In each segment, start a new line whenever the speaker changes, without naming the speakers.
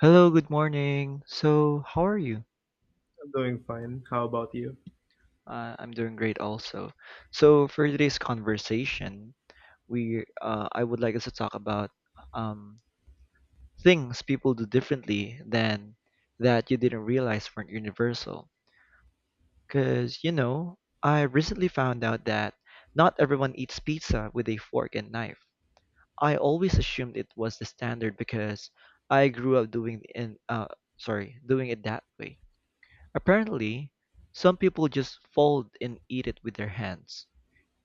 Hello, good morning. So, how are you?
I'm doing fine. How about you?
I'm doing great also. So, for today's conversation, we I would like us to talk about um, things people do differently than that you didn't realize weren't universal. Because, you know, I recently found out that not everyone eats pizza with a fork and knife. I always assumed it was the standard because I grew up doing in sorry, doing it that way. Apparently, some people just fold and eat it with their hands.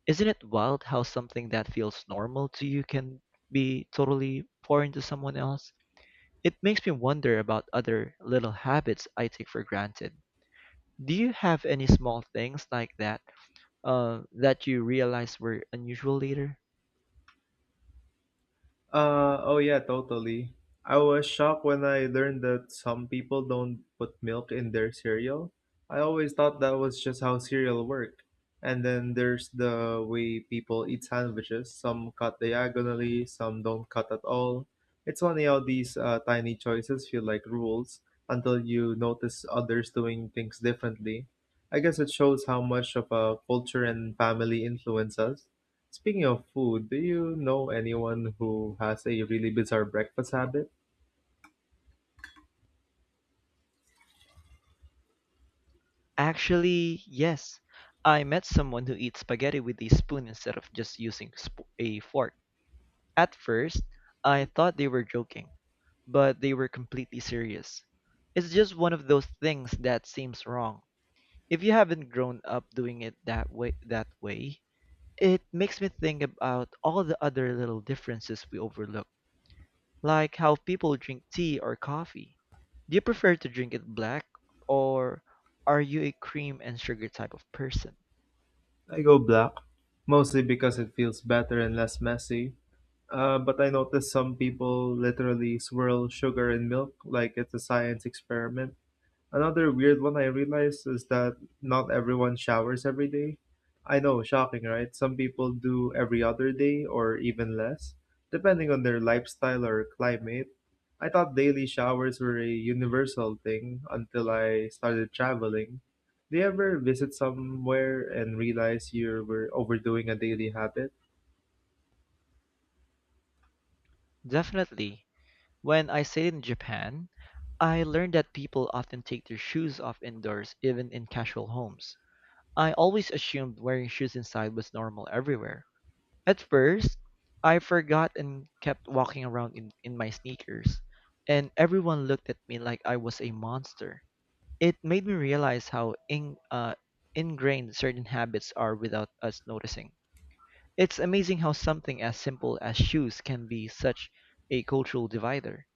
Isn't it wild how something that feels normal to you can be totally foreign to someone else? It makes me wonder about other little habits I take for granted. Do you have any small things like that that you realize were unusual later?
Oh yeah, totally. I was shocked when I learned that some people don't put milk in their cereal. I always thought that was just how cereal worked. And then there's the way people eat sandwiches. Some cut diagonally, some don't cut at all. It's funny how these tiny choices feel like rules until you notice others doing things differently. I guess it shows how much of a culture and family influence us. Speaking of food, do you know anyone who has a really bizarre breakfast habit?
Actually, yes. I met someone who eats spaghetti with a spoon instead of a fork. At first, I thought they were joking, but they were completely serious. It's just one of those things that seems wrong. If you haven't grown up doing it that way, it makes me think about all the other little differences we overlook. Like how people drink tea or coffee. Do you prefer to drink it black or are you a cream and sugar type of person?
I go black, mostly because it feels better and less messy. But I notice some people literally swirl sugar in milk like it's a science experiment. Another weird one I realized is that not everyone showers every day. I know, shocking, right? Some people do every other day or even less, depending on their lifestyle or climate. I thought daily showers were a universal thing until I started traveling. Do you ever visit somewhere and realize you were overdoing a daily habit?
Definitely. When I stayed in Japan, I learned that people often take their shoes off indoors, even in casual homes. I always assumed wearing shoes inside was normal everywhere. At first, I forgot and kept walking around in my sneakers, and everyone looked at me like I was a monster. It made me realize how ingrained certain habits are without us noticing. It's amazing how something as simple as shoes can be such a cultural divider.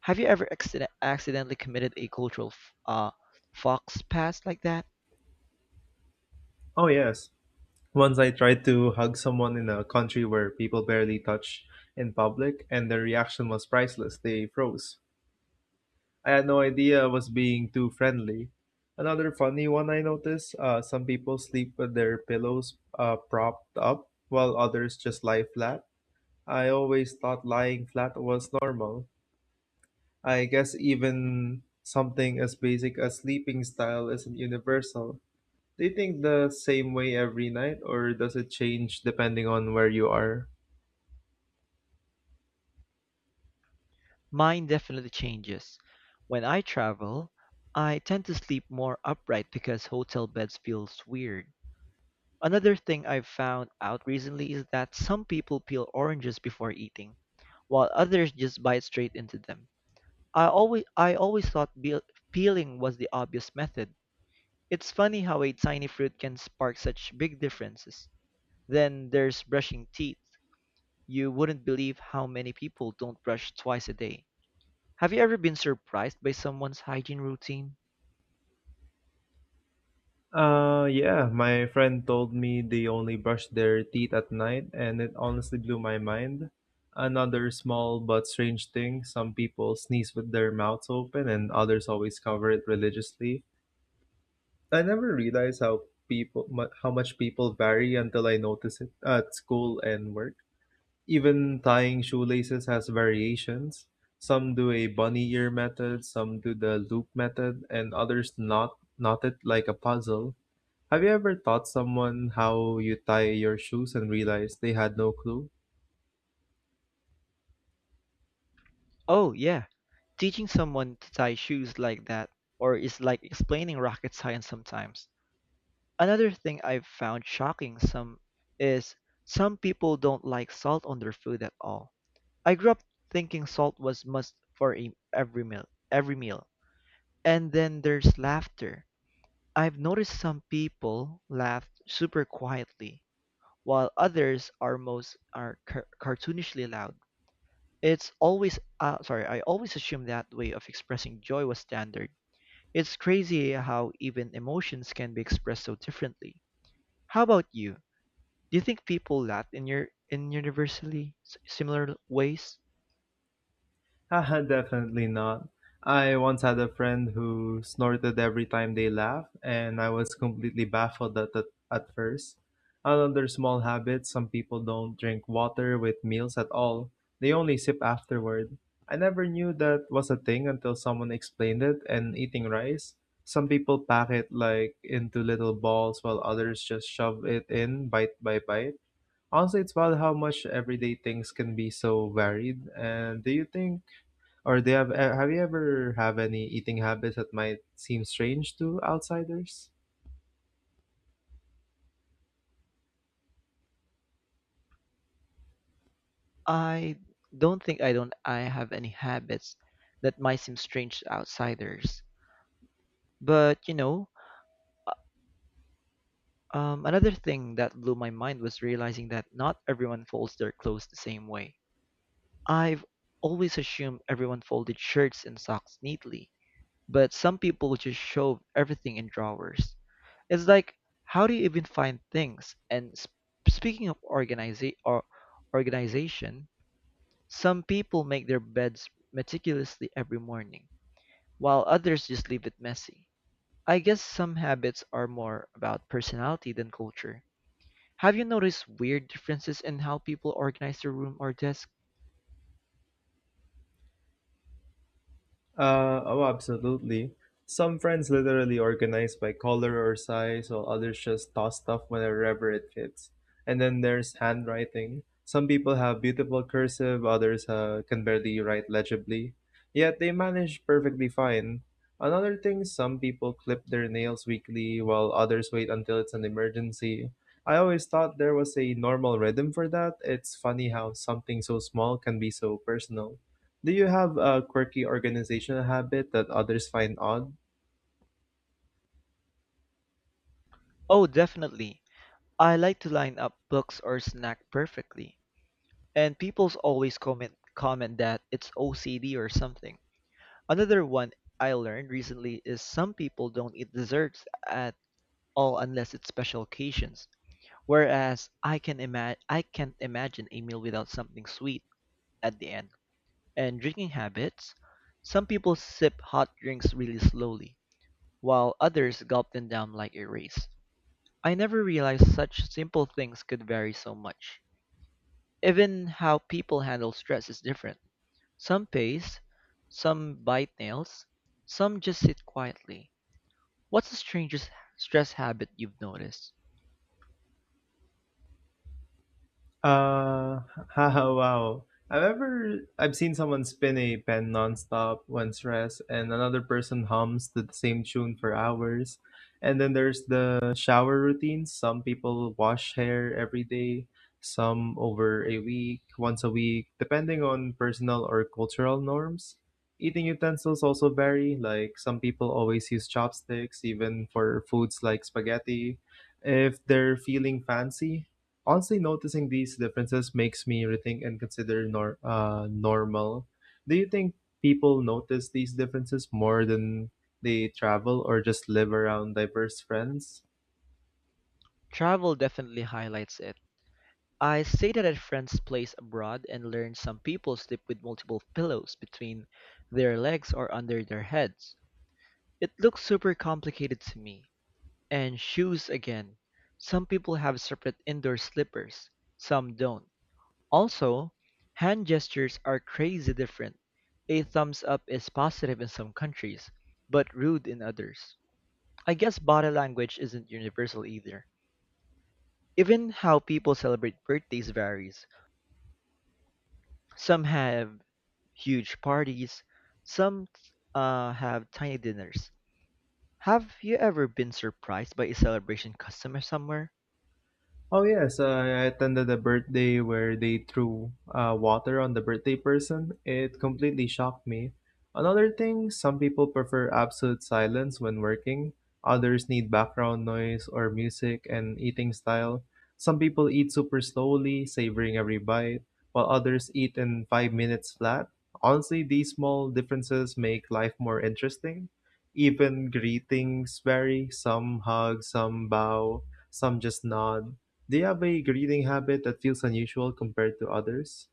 Have you ever accidentally committed a cultural fox pass like that?
Oh, yes. Once I tried to hug someone in a country where people barely touch in public, and their reaction was priceless. They froze. I had no idea I was being too friendly. Another funny one I noticed, some people sleep with their pillows propped up, while others just lie flat. I always thought lying flat was normal. I guess even something as basic as sleeping style isn't universal. Do you think the same way every night, or does it change depending on where you are?
Mine definitely changes. When I travel, I tend to sleep more upright because hotel beds feels weird. Another thing I've found out recently is that some people peel oranges before eating, while others just bite straight into them. I always thought peeling was the obvious method. It's funny how a tiny fruit can spark such big differences. Then there's brushing teeth. You wouldn't believe how many people don't brush twice a day. Have you ever been surprised by someone's hygiene routine?
Yeah, my friend told me they only brush their teeth at night, and it honestly blew my mind. Another small but strange thing, some people sneeze with their mouths open, and others always cover it religiously. I never realized how how much people vary until I notice it at school and work. Even tying shoelaces has variations. Some do a bunny ear method, some do the loop method, and others knot it like a puzzle. Have you ever taught someone how you tie your shoes and realized they had no clue?
Oh, yeah. Teaching someone to tie shoes like that or is like explaining rocket science sometimes. Another thing I've found shocking some is some people don't like salt on their food at all. I grew up thinking salt was must every meal, every meal. And then there's laughter. I've noticed some people laugh super quietly, while others are cartoonishly loud. I always assumed that way of expressing joy was standard. It's crazy how even emotions can be expressed so differently. How about you? Do you think people laugh in your in universally similar ways?
Haha, definitely not. I once had a friend who snorted every time they laughed, and I was completely baffled at first. Another small habit, some people don't drink water with meals at all, they only sip afterward. I never knew that was a thing until someone explained it, and eating rice. Some people pack it like into little balls while others just shove it in bite by bite. Honestly, it's about how much everyday things can be so varied. And do you think, or Do you have, have you ever have any eating habits that might seem strange to outsiders?
I I don't I have any habits that might seem strange to outsiders. But you know, another thing that blew my mind was realizing that not everyone folds their clothes the same way. I've always assumed everyone folded shirts and socks neatly, but some people just shove everything in drawers. It's like, how do you even find things? And speaking of organiza- or organization, some people make their beds meticulously every morning, while others just leave it messy. I guess some habits are more about personality than culture. Have you noticed weird differences in how people organize their room or desk?
Oh, Absolutely. Some friends literally organize by color or size, while others just toss stuff wherever it fits. And then there's handwriting. Some people have beautiful cursive, others can barely write legibly, yet they manage perfectly fine. Another thing, some people clip their nails weekly, while others wait until it's an emergency. I always thought there was a normal rhythm for that. It's funny how something so small can be so personal. Do you have a quirky organizational habit that others find odd?
Oh, definitely. I like to line up books or snack perfectly, and people's always comment that it's OCD or something. Another one I learned recently is some people don't eat desserts at all unless it's special occasions. Whereas I can't imagine a meal without something sweet at the end. And drinking habits, some people sip hot drinks really slowly, while others gulp them down like a race. I never realized such simple things could vary so much. Even how people handle stress is different. Some pace, some bite nails, some just sit quietly. What's the strangest stress habit you've noticed?
Uh, Haha, wow. I've seen someone spin a pen nonstop when stressed, and another person hums to the same tune for hours. And then there's the shower routines. Some people wash hair every day, some once a week, depending on personal or cultural norms. Eating utensils also vary, like some people always use chopsticks, even for foods like spaghetti, if they're feeling fancy. Honestly, noticing these differences makes me rethink and consider normal. Do you think people notice these differences more than they travel or just live around diverse friends?
Travel definitely highlights it. I stayed at a friend's place abroad and learned some people sleep with multiple pillows between their legs or under their heads. It looks super complicated to me. And shoes again. Some people have separate indoor slippers, some don't. Also, hand gestures are crazy different. A thumbs up is positive in some countries, but rude in others. I guess body language isn't universal either. Even how people celebrate birthdays varies. Some have huge parties, some have tiny dinners. Have you ever been surprised by a celebration custom somewhere?
Oh yes, I attended a birthday where they threw water on the birthday person. It completely shocked me. Another thing, some people prefer absolute silence when working. Others need background noise or music, and eating style. Some people eat super slowly, savoring every bite, while others eat in 5 minutes flat. Honestly, these small differences make life more interesting. Even greetings vary. Some hug, some bow, some just nod. Do you have a reading habit that feels unusual compared to others?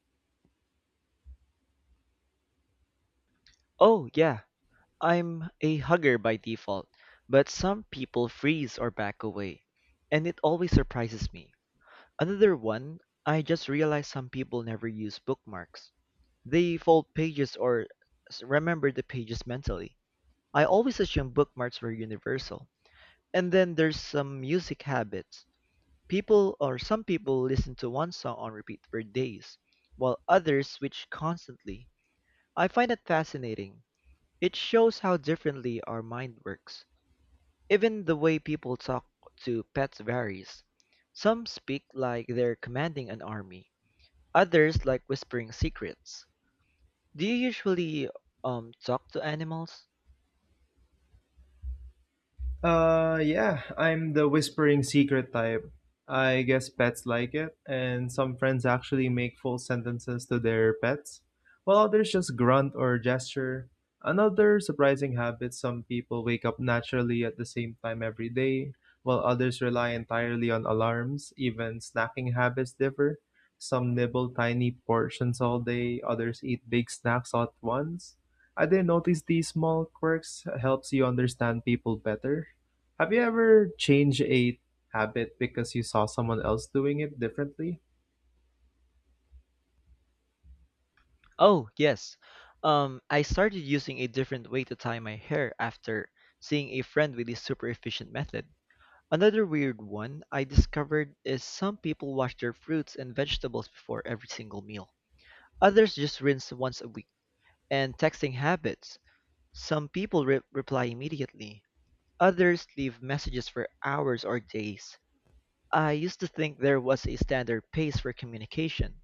Oh, yeah, I'm a hugger by default, but some people freeze or back away, and it always surprises me. Another one, I just realized some people never use bookmarks. They fold pages or remember the pages mentally. I always assumed bookmarks were universal. And then there's some music habits. People or some people listen to one song on repeat for days, while others switch constantly. I find it fascinating. It shows how differently our mind works. Even the way people talk to pets varies. Some speak like they're commanding an army, others like whispering secrets. Do you usually talk to animals?
Yeah, I'm the whispering secret type. I guess pets like it, and some friends actually make full sentences to their pets, while others just grunt or gesture. Another surprising habit, some people wake up naturally at the same time every day, while others rely entirely on alarms. Even snacking habits differ. Some nibble tiny portions all day, others eat big snacks at once. I didn't notice these small quirks helps you understand people better. Have you ever changed a habit because you saw someone else doing it differently?
Oh, yes. I started using a different way to tie my hair after seeing a friend with a super efficient method. Another weird one I discovered is some people wash their fruits and vegetables before every single meal. Others just rinse once a week. And texting habits. Some people reply immediately, others leave messages for hours or days. I used to think there was a standard pace for communication,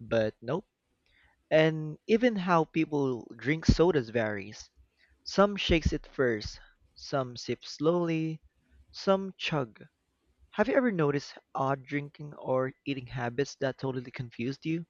but nope. And even how people drink sodas varies. Some shakes it first, some sip slowly, some chug. Have you ever noticed odd drinking or eating habits that totally confused you?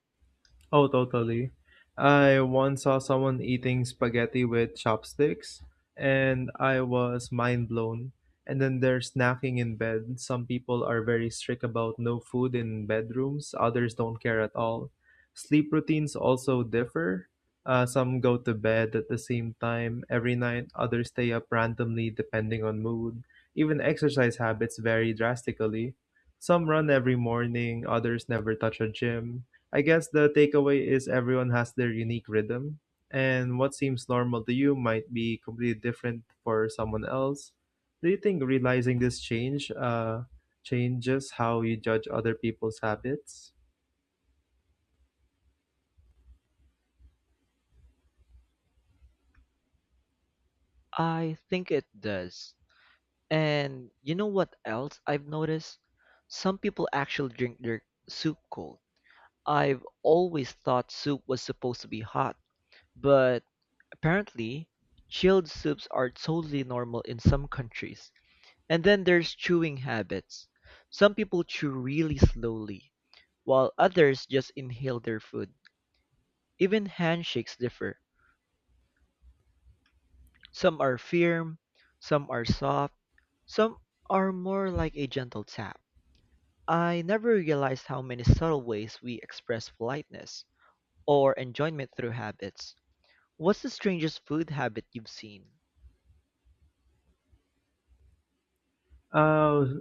Oh, totally. I once saw someone eating spaghetti with chopsticks, and I was mind blown. And then there's snacking in bed. Some people are very strict about no food in bedrooms, others don't care at all. Sleep routines also differ. Some go to bed at the same time every night, others stay up randomly depending on mood. Even exercise habits vary drastically. Some run every morning, others never touch a gym. I guess the takeaway is everyone has their unique rhythm, and what seems normal to you might be completely different for someone else. Do you think realizing this change changes how you judge other people's habits?
I think it does. And you know what else I've noticed? Some people actually drink their soup cold. I've always thought soup was supposed to be hot, but apparently, chilled soups are totally normal in some countries. And then there's chewing habits. Some people chew really slowly, while others just inhale their food. Even handshakes differ. Some are firm, some are soft, some are more like a gentle tap. I never realized how many subtle ways we express politeness or enjoyment through habits. What's the strangest food habit you've seen?
Uh,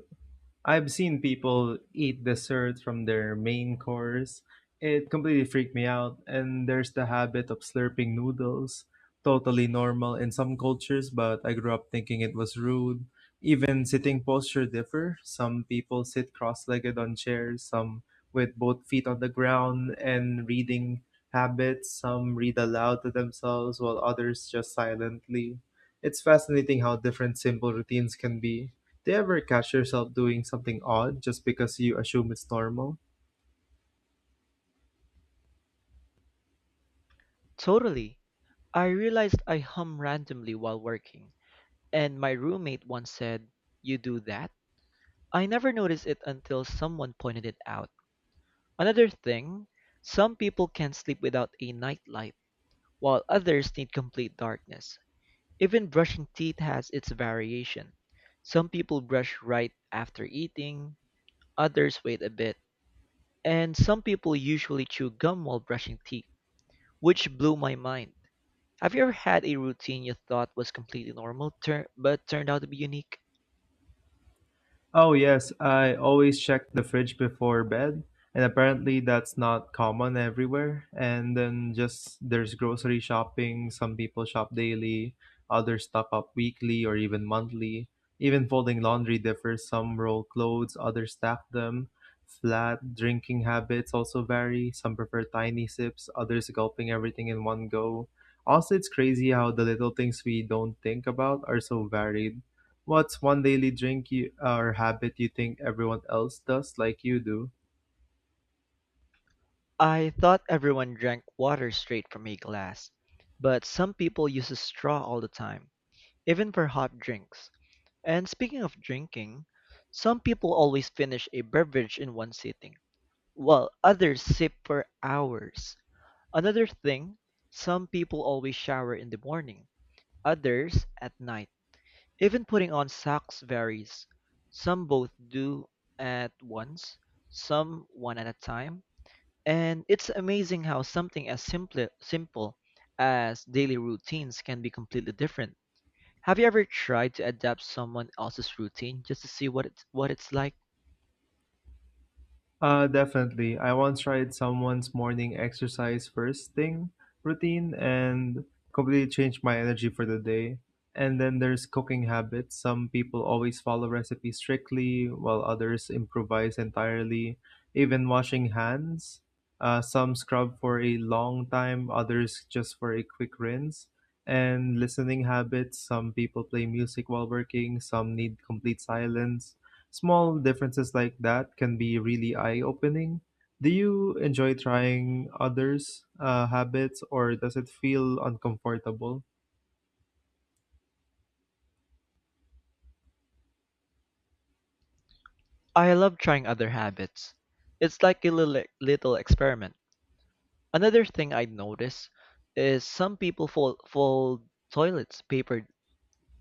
I've seen people eat dessert from their main course. It completely freaked me out. And there's the habit of slurping noodles, totally normal in some cultures, but I grew up thinking it was rude. Even sitting posture differ. Some people sit cross-legged on chairs, some with both feet on the ground, and reading habits. Some read aloud to themselves, while others just silently. It's fascinating how different simple routines can be. Do you ever catch yourself doing something odd just because you assume it's normal?
Totally. I realized I hum randomly while working, and my roommate once said, "You do that?" I never noticed it until someone pointed it out. Another thing, some people can't sleep without a nightlight, while others need complete darkness. Even brushing teeth has its variation. Some people brush right after eating, others wait a bit, and some people usually chew gum while brushing teeth, which blew my mind. Have you ever had a routine you thought was completely normal but turned out to be unique?
Oh, yes, I always check the fridge before bed, and apparently that's not common everywhere. And then just there's grocery shopping, some people shop daily, others stock up weekly or even monthly. Even folding laundry differs. Some roll clothes, others stack them. Flat drinking habits also vary. Some prefer tiny sips, others gulping everything in one go. Also, it's crazy how the little things we don't think about are so varied. What's one daily drink you, or habit you think everyone else does like you do?
I thought everyone drank water straight from a glass, but some people use a straw all the time, even for hot drinks. And speaking of drinking, some people always finish a beverage in one sitting, while others sip for hours. Another thing, some people always shower in the morning, others at night. Even putting on socks varies. Some both do at once, some one at a time. And it's amazing how something as simple as daily routines can be completely different. Have you ever tried to adapt someone else's routine just to see what it's like?
Definitely. I once tried someone's morning exercise first thing routine and completely changed my energy for the day. And then there's cooking habits. Some people always follow recipes strictly, while others improvise entirely. Even washing hands. Some scrub for a long time, others just for a quick rinse. And listening habits. Some people play music while working, some need complete silence. Small differences like that can be really eye opening. Do you enjoy trying others' habits, or does it feel uncomfortable?
I love trying other habits. It's like a little experiment. Another thing I notice is some people fold toilets paper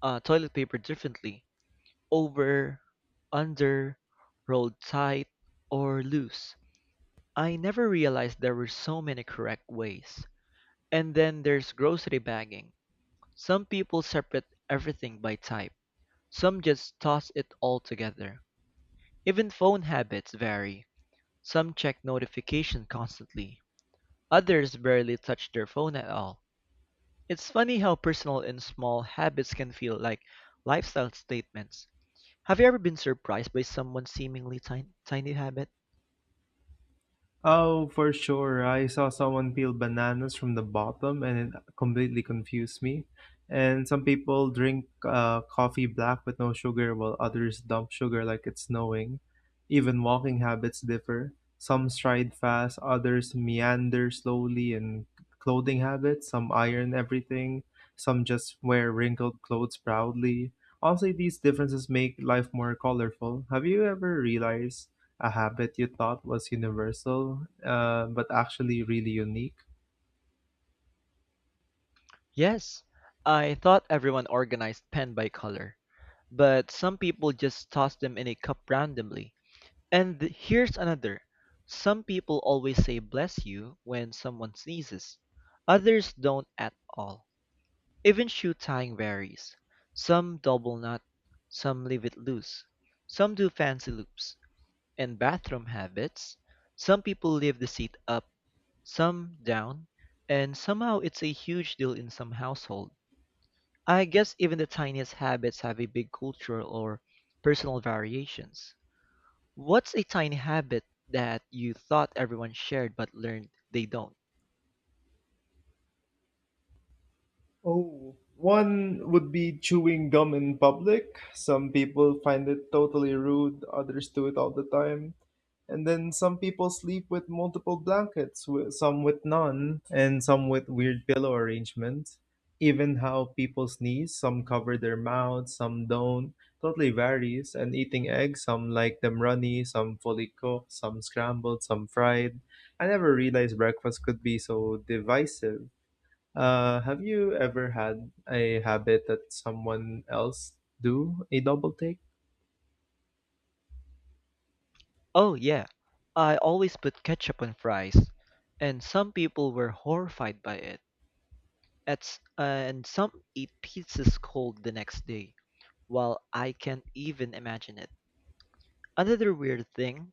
uh, toilet paper differently, over, under, rolled tight, or loose. I never realized there were so many correct ways. And then there's grocery bagging. Some people separate everything by type, some just toss it all together. Even phone habits vary. Some check notification constantly, others barely touch their phone at all. It's funny how personal and small habits can feel like lifestyle statements. Have you ever been surprised by someone's seemingly tiny habit?
Oh, for sure. I saw someone peel bananas from the bottom and it completely confused me. And some people drink coffee black with no sugar, while others dump sugar like it's snowing. Even walking habits differ. Some stride fast, others meander slowly, and clothing habits, some iron everything, some just wear wrinkled clothes proudly. Honestly, these differences make life more colorful. Have you ever realized a habit you thought was universal, but actually really unique?
Yes, I thought everyone organized pen by color, but some people just toss them in a cup randomly. And here's another. Some people always say bless you when someone sneezes. Others don't at all. Even shoe tying varies. Some double knot, some leave it loose. Some do fancy loops. And bathroom habits. Some people leave the seat up, some down, and somehow it's a huge deal in some household. I guess even the tiniest habits have a big cultural or personal variations. What's a tiny habit that you thought everyone shared but learned they don't?
Oh, one would be chewing gum in public. Some people find it totally rude, others do it all the time. And then some people sleep with multiple blankets, some with none, and some with weird pillow arrangements. Even how people sneeze, some cover their mouths, some don't. Totally varies. And eating eggs, some like them runny, some fully cooked, some scrambled, some fried. I never realized breakfast could be so divisive. Have you ever had a habit that someone else do a double take?
Oh yeah, I always put ketchup on fries, and some people were horrified by it. It's, uh, and some eat pizzas cold the next day, while I can't even imagine it. Another weird thing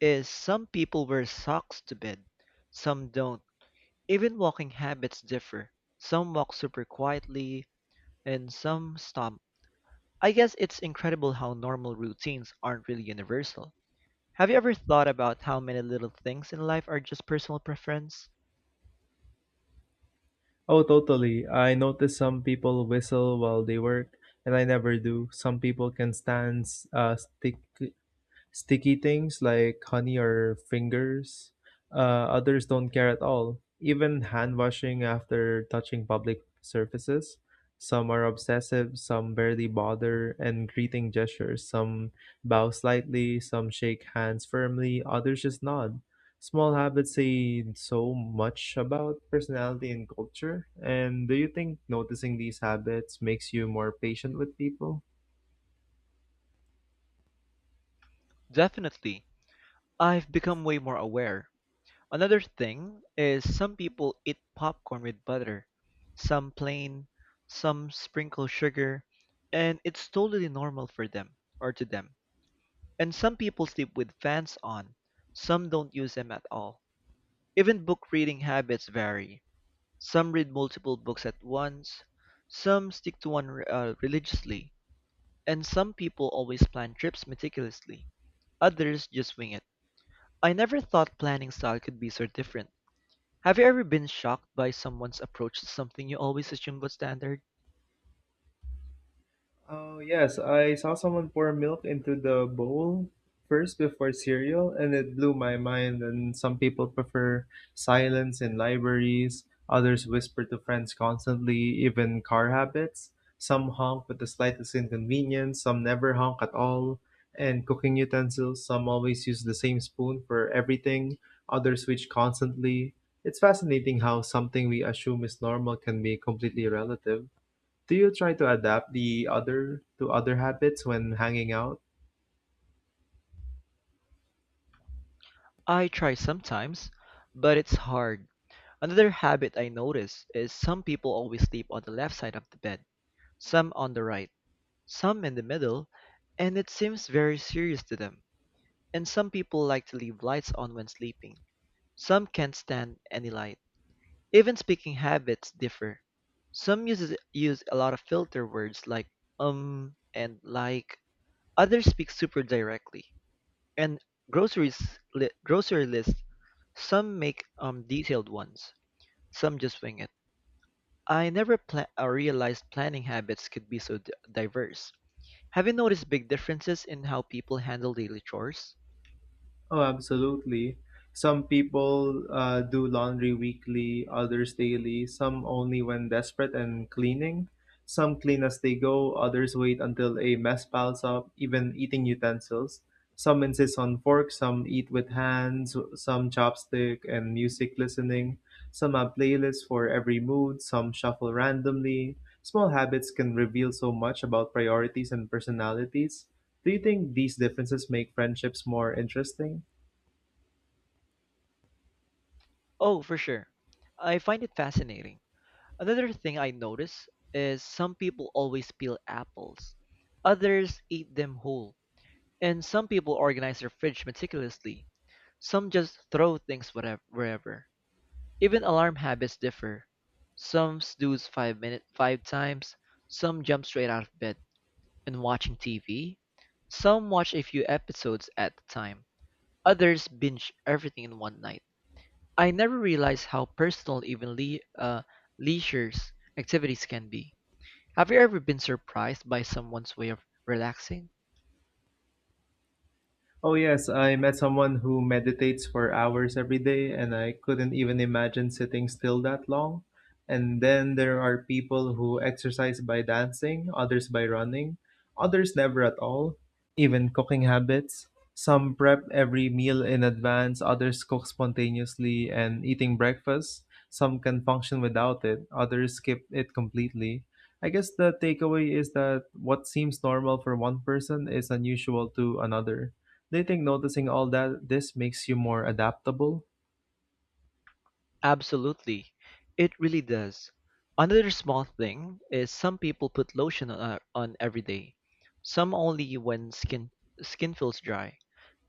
is some people wear socks to bed, some don't. Even walking habits differ. Some walk super quietly, and some stomp. I guess it's incredible how normal routines aren't really universal. Have you ever thought about how many little things in life are just personal preference?
Oh, totally. I notice some people whistle while they work, and I never do. Some people can stand stick sticky things like honey or fingers. Others don't care at all. Even hand washing after touching public surfaces. Some are obsessive, some barely bother, and greeting gestures. Some bow slightly, some shake hands firmly, others just nod. Small habits say so much about personality and culture. And do you think noticing these habits makes you more patient with people?
Definitely. I've become way more aware. Another thing is some people eat popcorn with butter, some plain, some sprinkle sugar, and it's totally normal for them or to them. And some people sleep with fans on, some don't use them at all. Even book reading habits vary. Some read multiple books at once, some stick to one religiously, and some people always plan trips meticulously, others just wing it. I never thought planning style could be so different. Have you ever been shocked by someone's approach to something you always assumed was standard?
Oh, yes, I saw someone pour milk into the bowl first before cereal, and it blew my mind. And some people prefer silence in libraries, others whisper to friends constantly, even car habits. Some honk with the slightest inconvenience, some never honk at all. And cooking utensils, some always use the same spoon for everything, others switch constantly. It's fascinating how something we assume is normal can be completely relative. Do you try to adapt the other to other habits when hanging out?
I try sometimes, but it's hard. Another habit I notice is some people always sleep on the left side of the bed, some on the right, some in the middle, and it seems very serious to them. And some people like to leave lights on when sleeping. Some can't stand any light. Even speaking habits differ. Some use a lot of filter words like and like. Others speak super directly. And grocery lists. Some make detailed ones. Some just wing it. I never realized planning habits could be so diverse. Have you noticed big differences in how people handle daily chores?
Oh, absolutely. Some people do laundry weekly, others daily, some only when desperate and cleaning. Some clean as they go, others wait until a mess piles up, even eating utensils. Some insist on forks, some eat with hands, some chopstick and music listening. Some have playlists for every mood, some shuffle randomly. Small habits can reveal so much about priorities and personalities. Do you think these differences make friendships more interesting?
Oh, for sure. I find it fascinating. Another thing I notice is some people always peel apples, others eat them whole, and some people organize their fridge meticulously. Some just throw things whatever, wherever. Even alarm habits differ. Some snooze 5 minute five times, some jump straight out of bed and watching TV. Some watch a few episodes at a time. Others binge everything in one night. I never realized how personal even leisure's activities can be. Have you ever been surprised by someone's way of relaxing?
Oh, yes, I met someone who meditates for hours every day, and I couldn't even imagine sitting still that long. And then there are people who exercise by dancing, others by running, others never at all, even cooking habits. Some prep every meal in advance, others cook spontaneously and eating breakfast. Some can function without it, others skip it completely. I guess the takeaway is that what seems normal for one person is unusual to another. Do you think noticing all that this makes you more adaptable?
Absolutely. It really does. Another small thing is some people put lotion on every day. Some only when skin feels dry.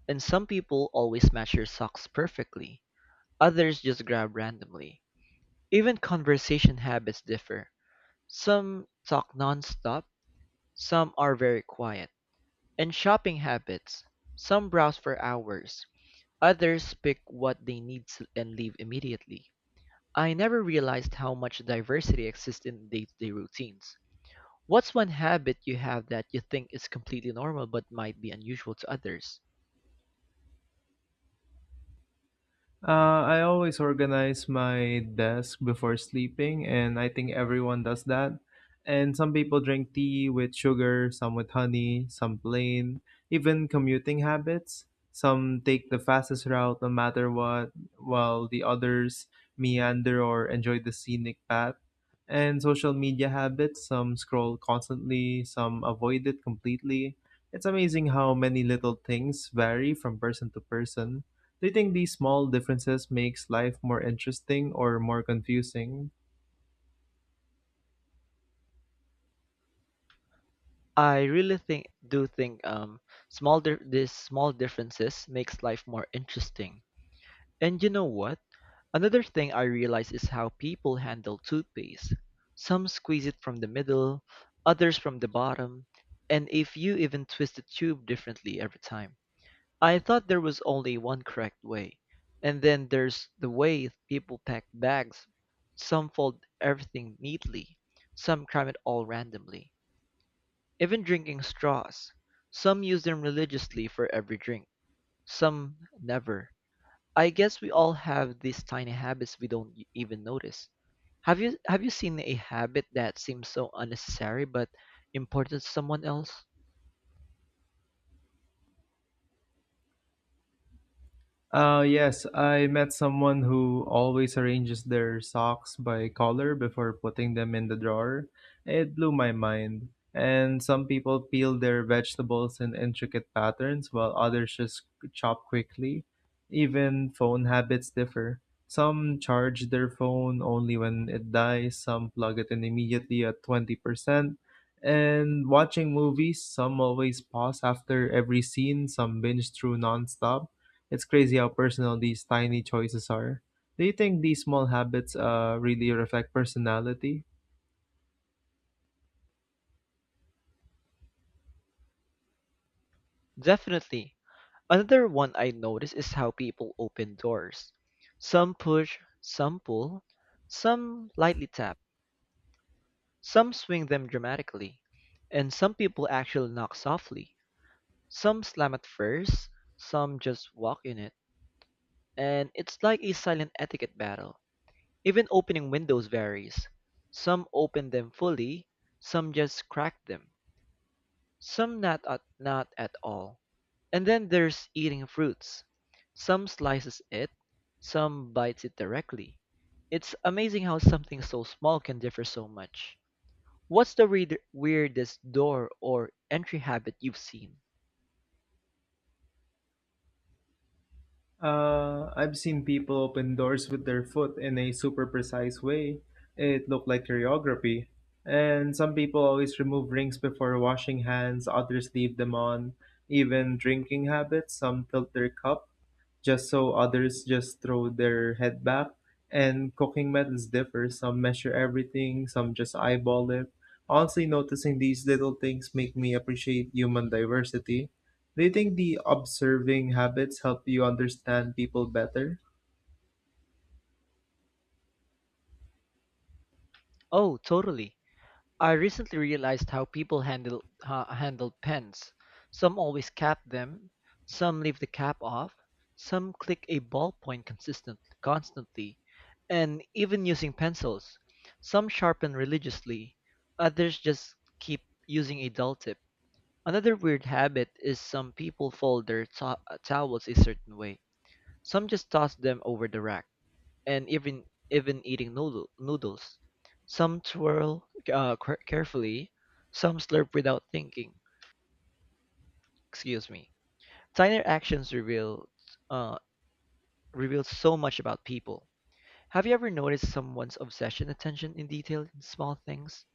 And some people always match their socks perfectly. Others just grab randomly. Even conversation habits differ. Some talk nonstop, some are very quiet. And shopping habits. Some browse for hours. Others pick what they and leave immediately. I never realized how much diversity exists in day-to-day routines. What's one habit you have that you think is completely normal but might be unusual to others?
I always organize my desk before sleeping, and I think everyone does that. And some people drink tea with sugar, some with honey, some plain, even commuting habits. Some take the fastest route no matter what, while the others meander or enjoy the scenic path. And social media habits, some scroll constantly, some avoid it completely. It's amazing how many little things vary from person to person. Do you think these small differences makes life more interesting or more confusing?
I really think do think small di- these small differences makes life more interesting. And you know what? Another thing I realize is how people handle toothpaste. Some squeeze it from the middle, others from the bottom, and if you even twist the tube differently every time. I thought there was only one correct way. And then there's the way people pack bags. Some fold everything neatly, some cram it all randomly. Even drinking straws. Some use them religiously for every drink, some never. I guess we all have these tiny habits we don't even notice. Have you seen a habit that seems so unnecessary but important to someone else?
Yes, I met someone who always arranges their socks by color before putting them in the drawer. It blew my mind. And some people peel their vegetables in intricate patterns while others just chop quickly. Even phone habits differ. Some charge their phone only when it dies, some plug it in immediately at 20%. And watching movies, some always pause after every scene, some binge through nonstop. It's crazy how personal these tiny choices are. Do you think these small habits really reflect personality?
Definitely. Another one I notice is how people open doors. Some push, some pull, some lightly tap, some swing them dramatically, and some people actually knock softly. Some slam at first, some just walk in it, and it's like a silent etiquette battle. Even opening windows varies; some open them fully, some just crack them, some not at all. And then there's eating fruits. Some slices it, some bites it directly. It's amazing how something so small can differ so much. What's the weirdest door or entry habit you've seen?
I've seen people open doors with their foot in a super precise way. It looked like choreography. And some people always remove rings before washing hands, others leave them on. Even drinking habits, some tilt their cup just so, others just throw their head back. And cooking methods differ. Some measure everything, some just eyeball it. Honestly, noticing these little things make me appreciate human diversity. Do you think the observing habits help you understand people better?
Oh, totally. I recently realized how people handle pens. Some always cap them, some leave the cap off, some click a ballpoint consistent constantly, and even using pencils. Some sharpen religiously, others just keep using a dull tip. Another weird habit is some people fold their towels a certain way. Some just toss them over the rack and even eating noodles. Some twirl carefully, some slurp without thinking. Excuse me. Tiny actions uh, reveal so much about people. Have you ever noticed someone's obsession attention in detail in small things?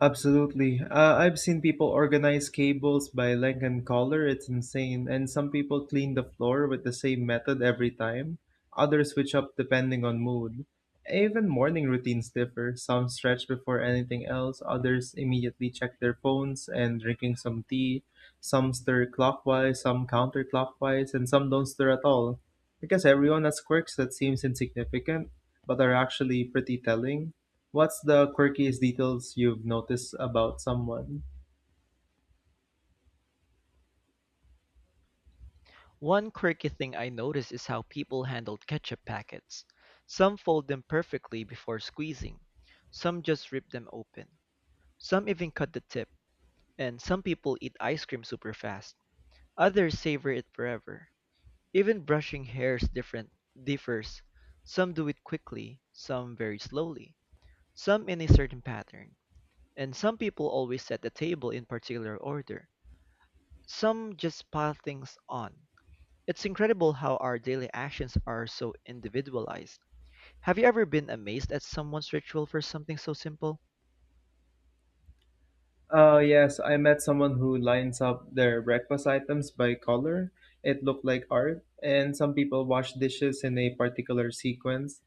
Absolutely. I've seen people organize cables by length and color. It's insane. And some people clean the floor with the same method every time. Others switch up depending on mood. Even morning routines differ. Some stretch before anything else. Others immediately check their phones and drinking some tea. Some stir clockwise, some counterclockwise, and some don't stir at all. Because everyone has quirks that seems insignificant, but are actually pretty telling. What's the quirkiest details you've noticed about someone?
One quirky thing I noticed is how people handled ketchup packets. Some fold them perfectly before squeezing. Some just rip them open. Some even cut the tip. And some people eat ice cream super fast. Others savor it forever. Even brushing hairs different differs. Some do it quickly, some very slowly, some in a certain pattern, and some people always set the table in particular order. Some just pile things on. It's incredible how our daily actions are so individualized. Have you ever been amazed at someone's ritual for something so simple?
Yes, I met someone who lines up their breakfast items by color. It looked like art, and some people wash dishes in a particular sequence.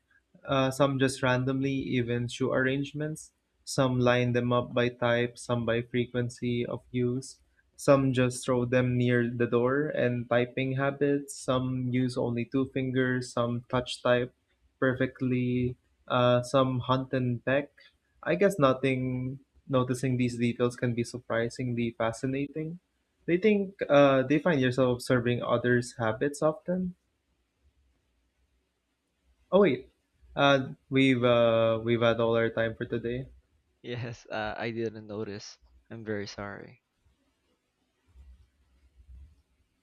Some just randomly, even shoe arrangements. Some line them up by type, some by frequency of use. Some just throw them near the door and typing habits. Some use only two fingers, some touch type perfectly, some hunt and peck. I guess nothing. Noticing these details can be surprisingly fascinating. They think they find yourself observing others' habits often. Oh wait, we've had all our time for today.
Yes, I didn't notice. I'm very sorry.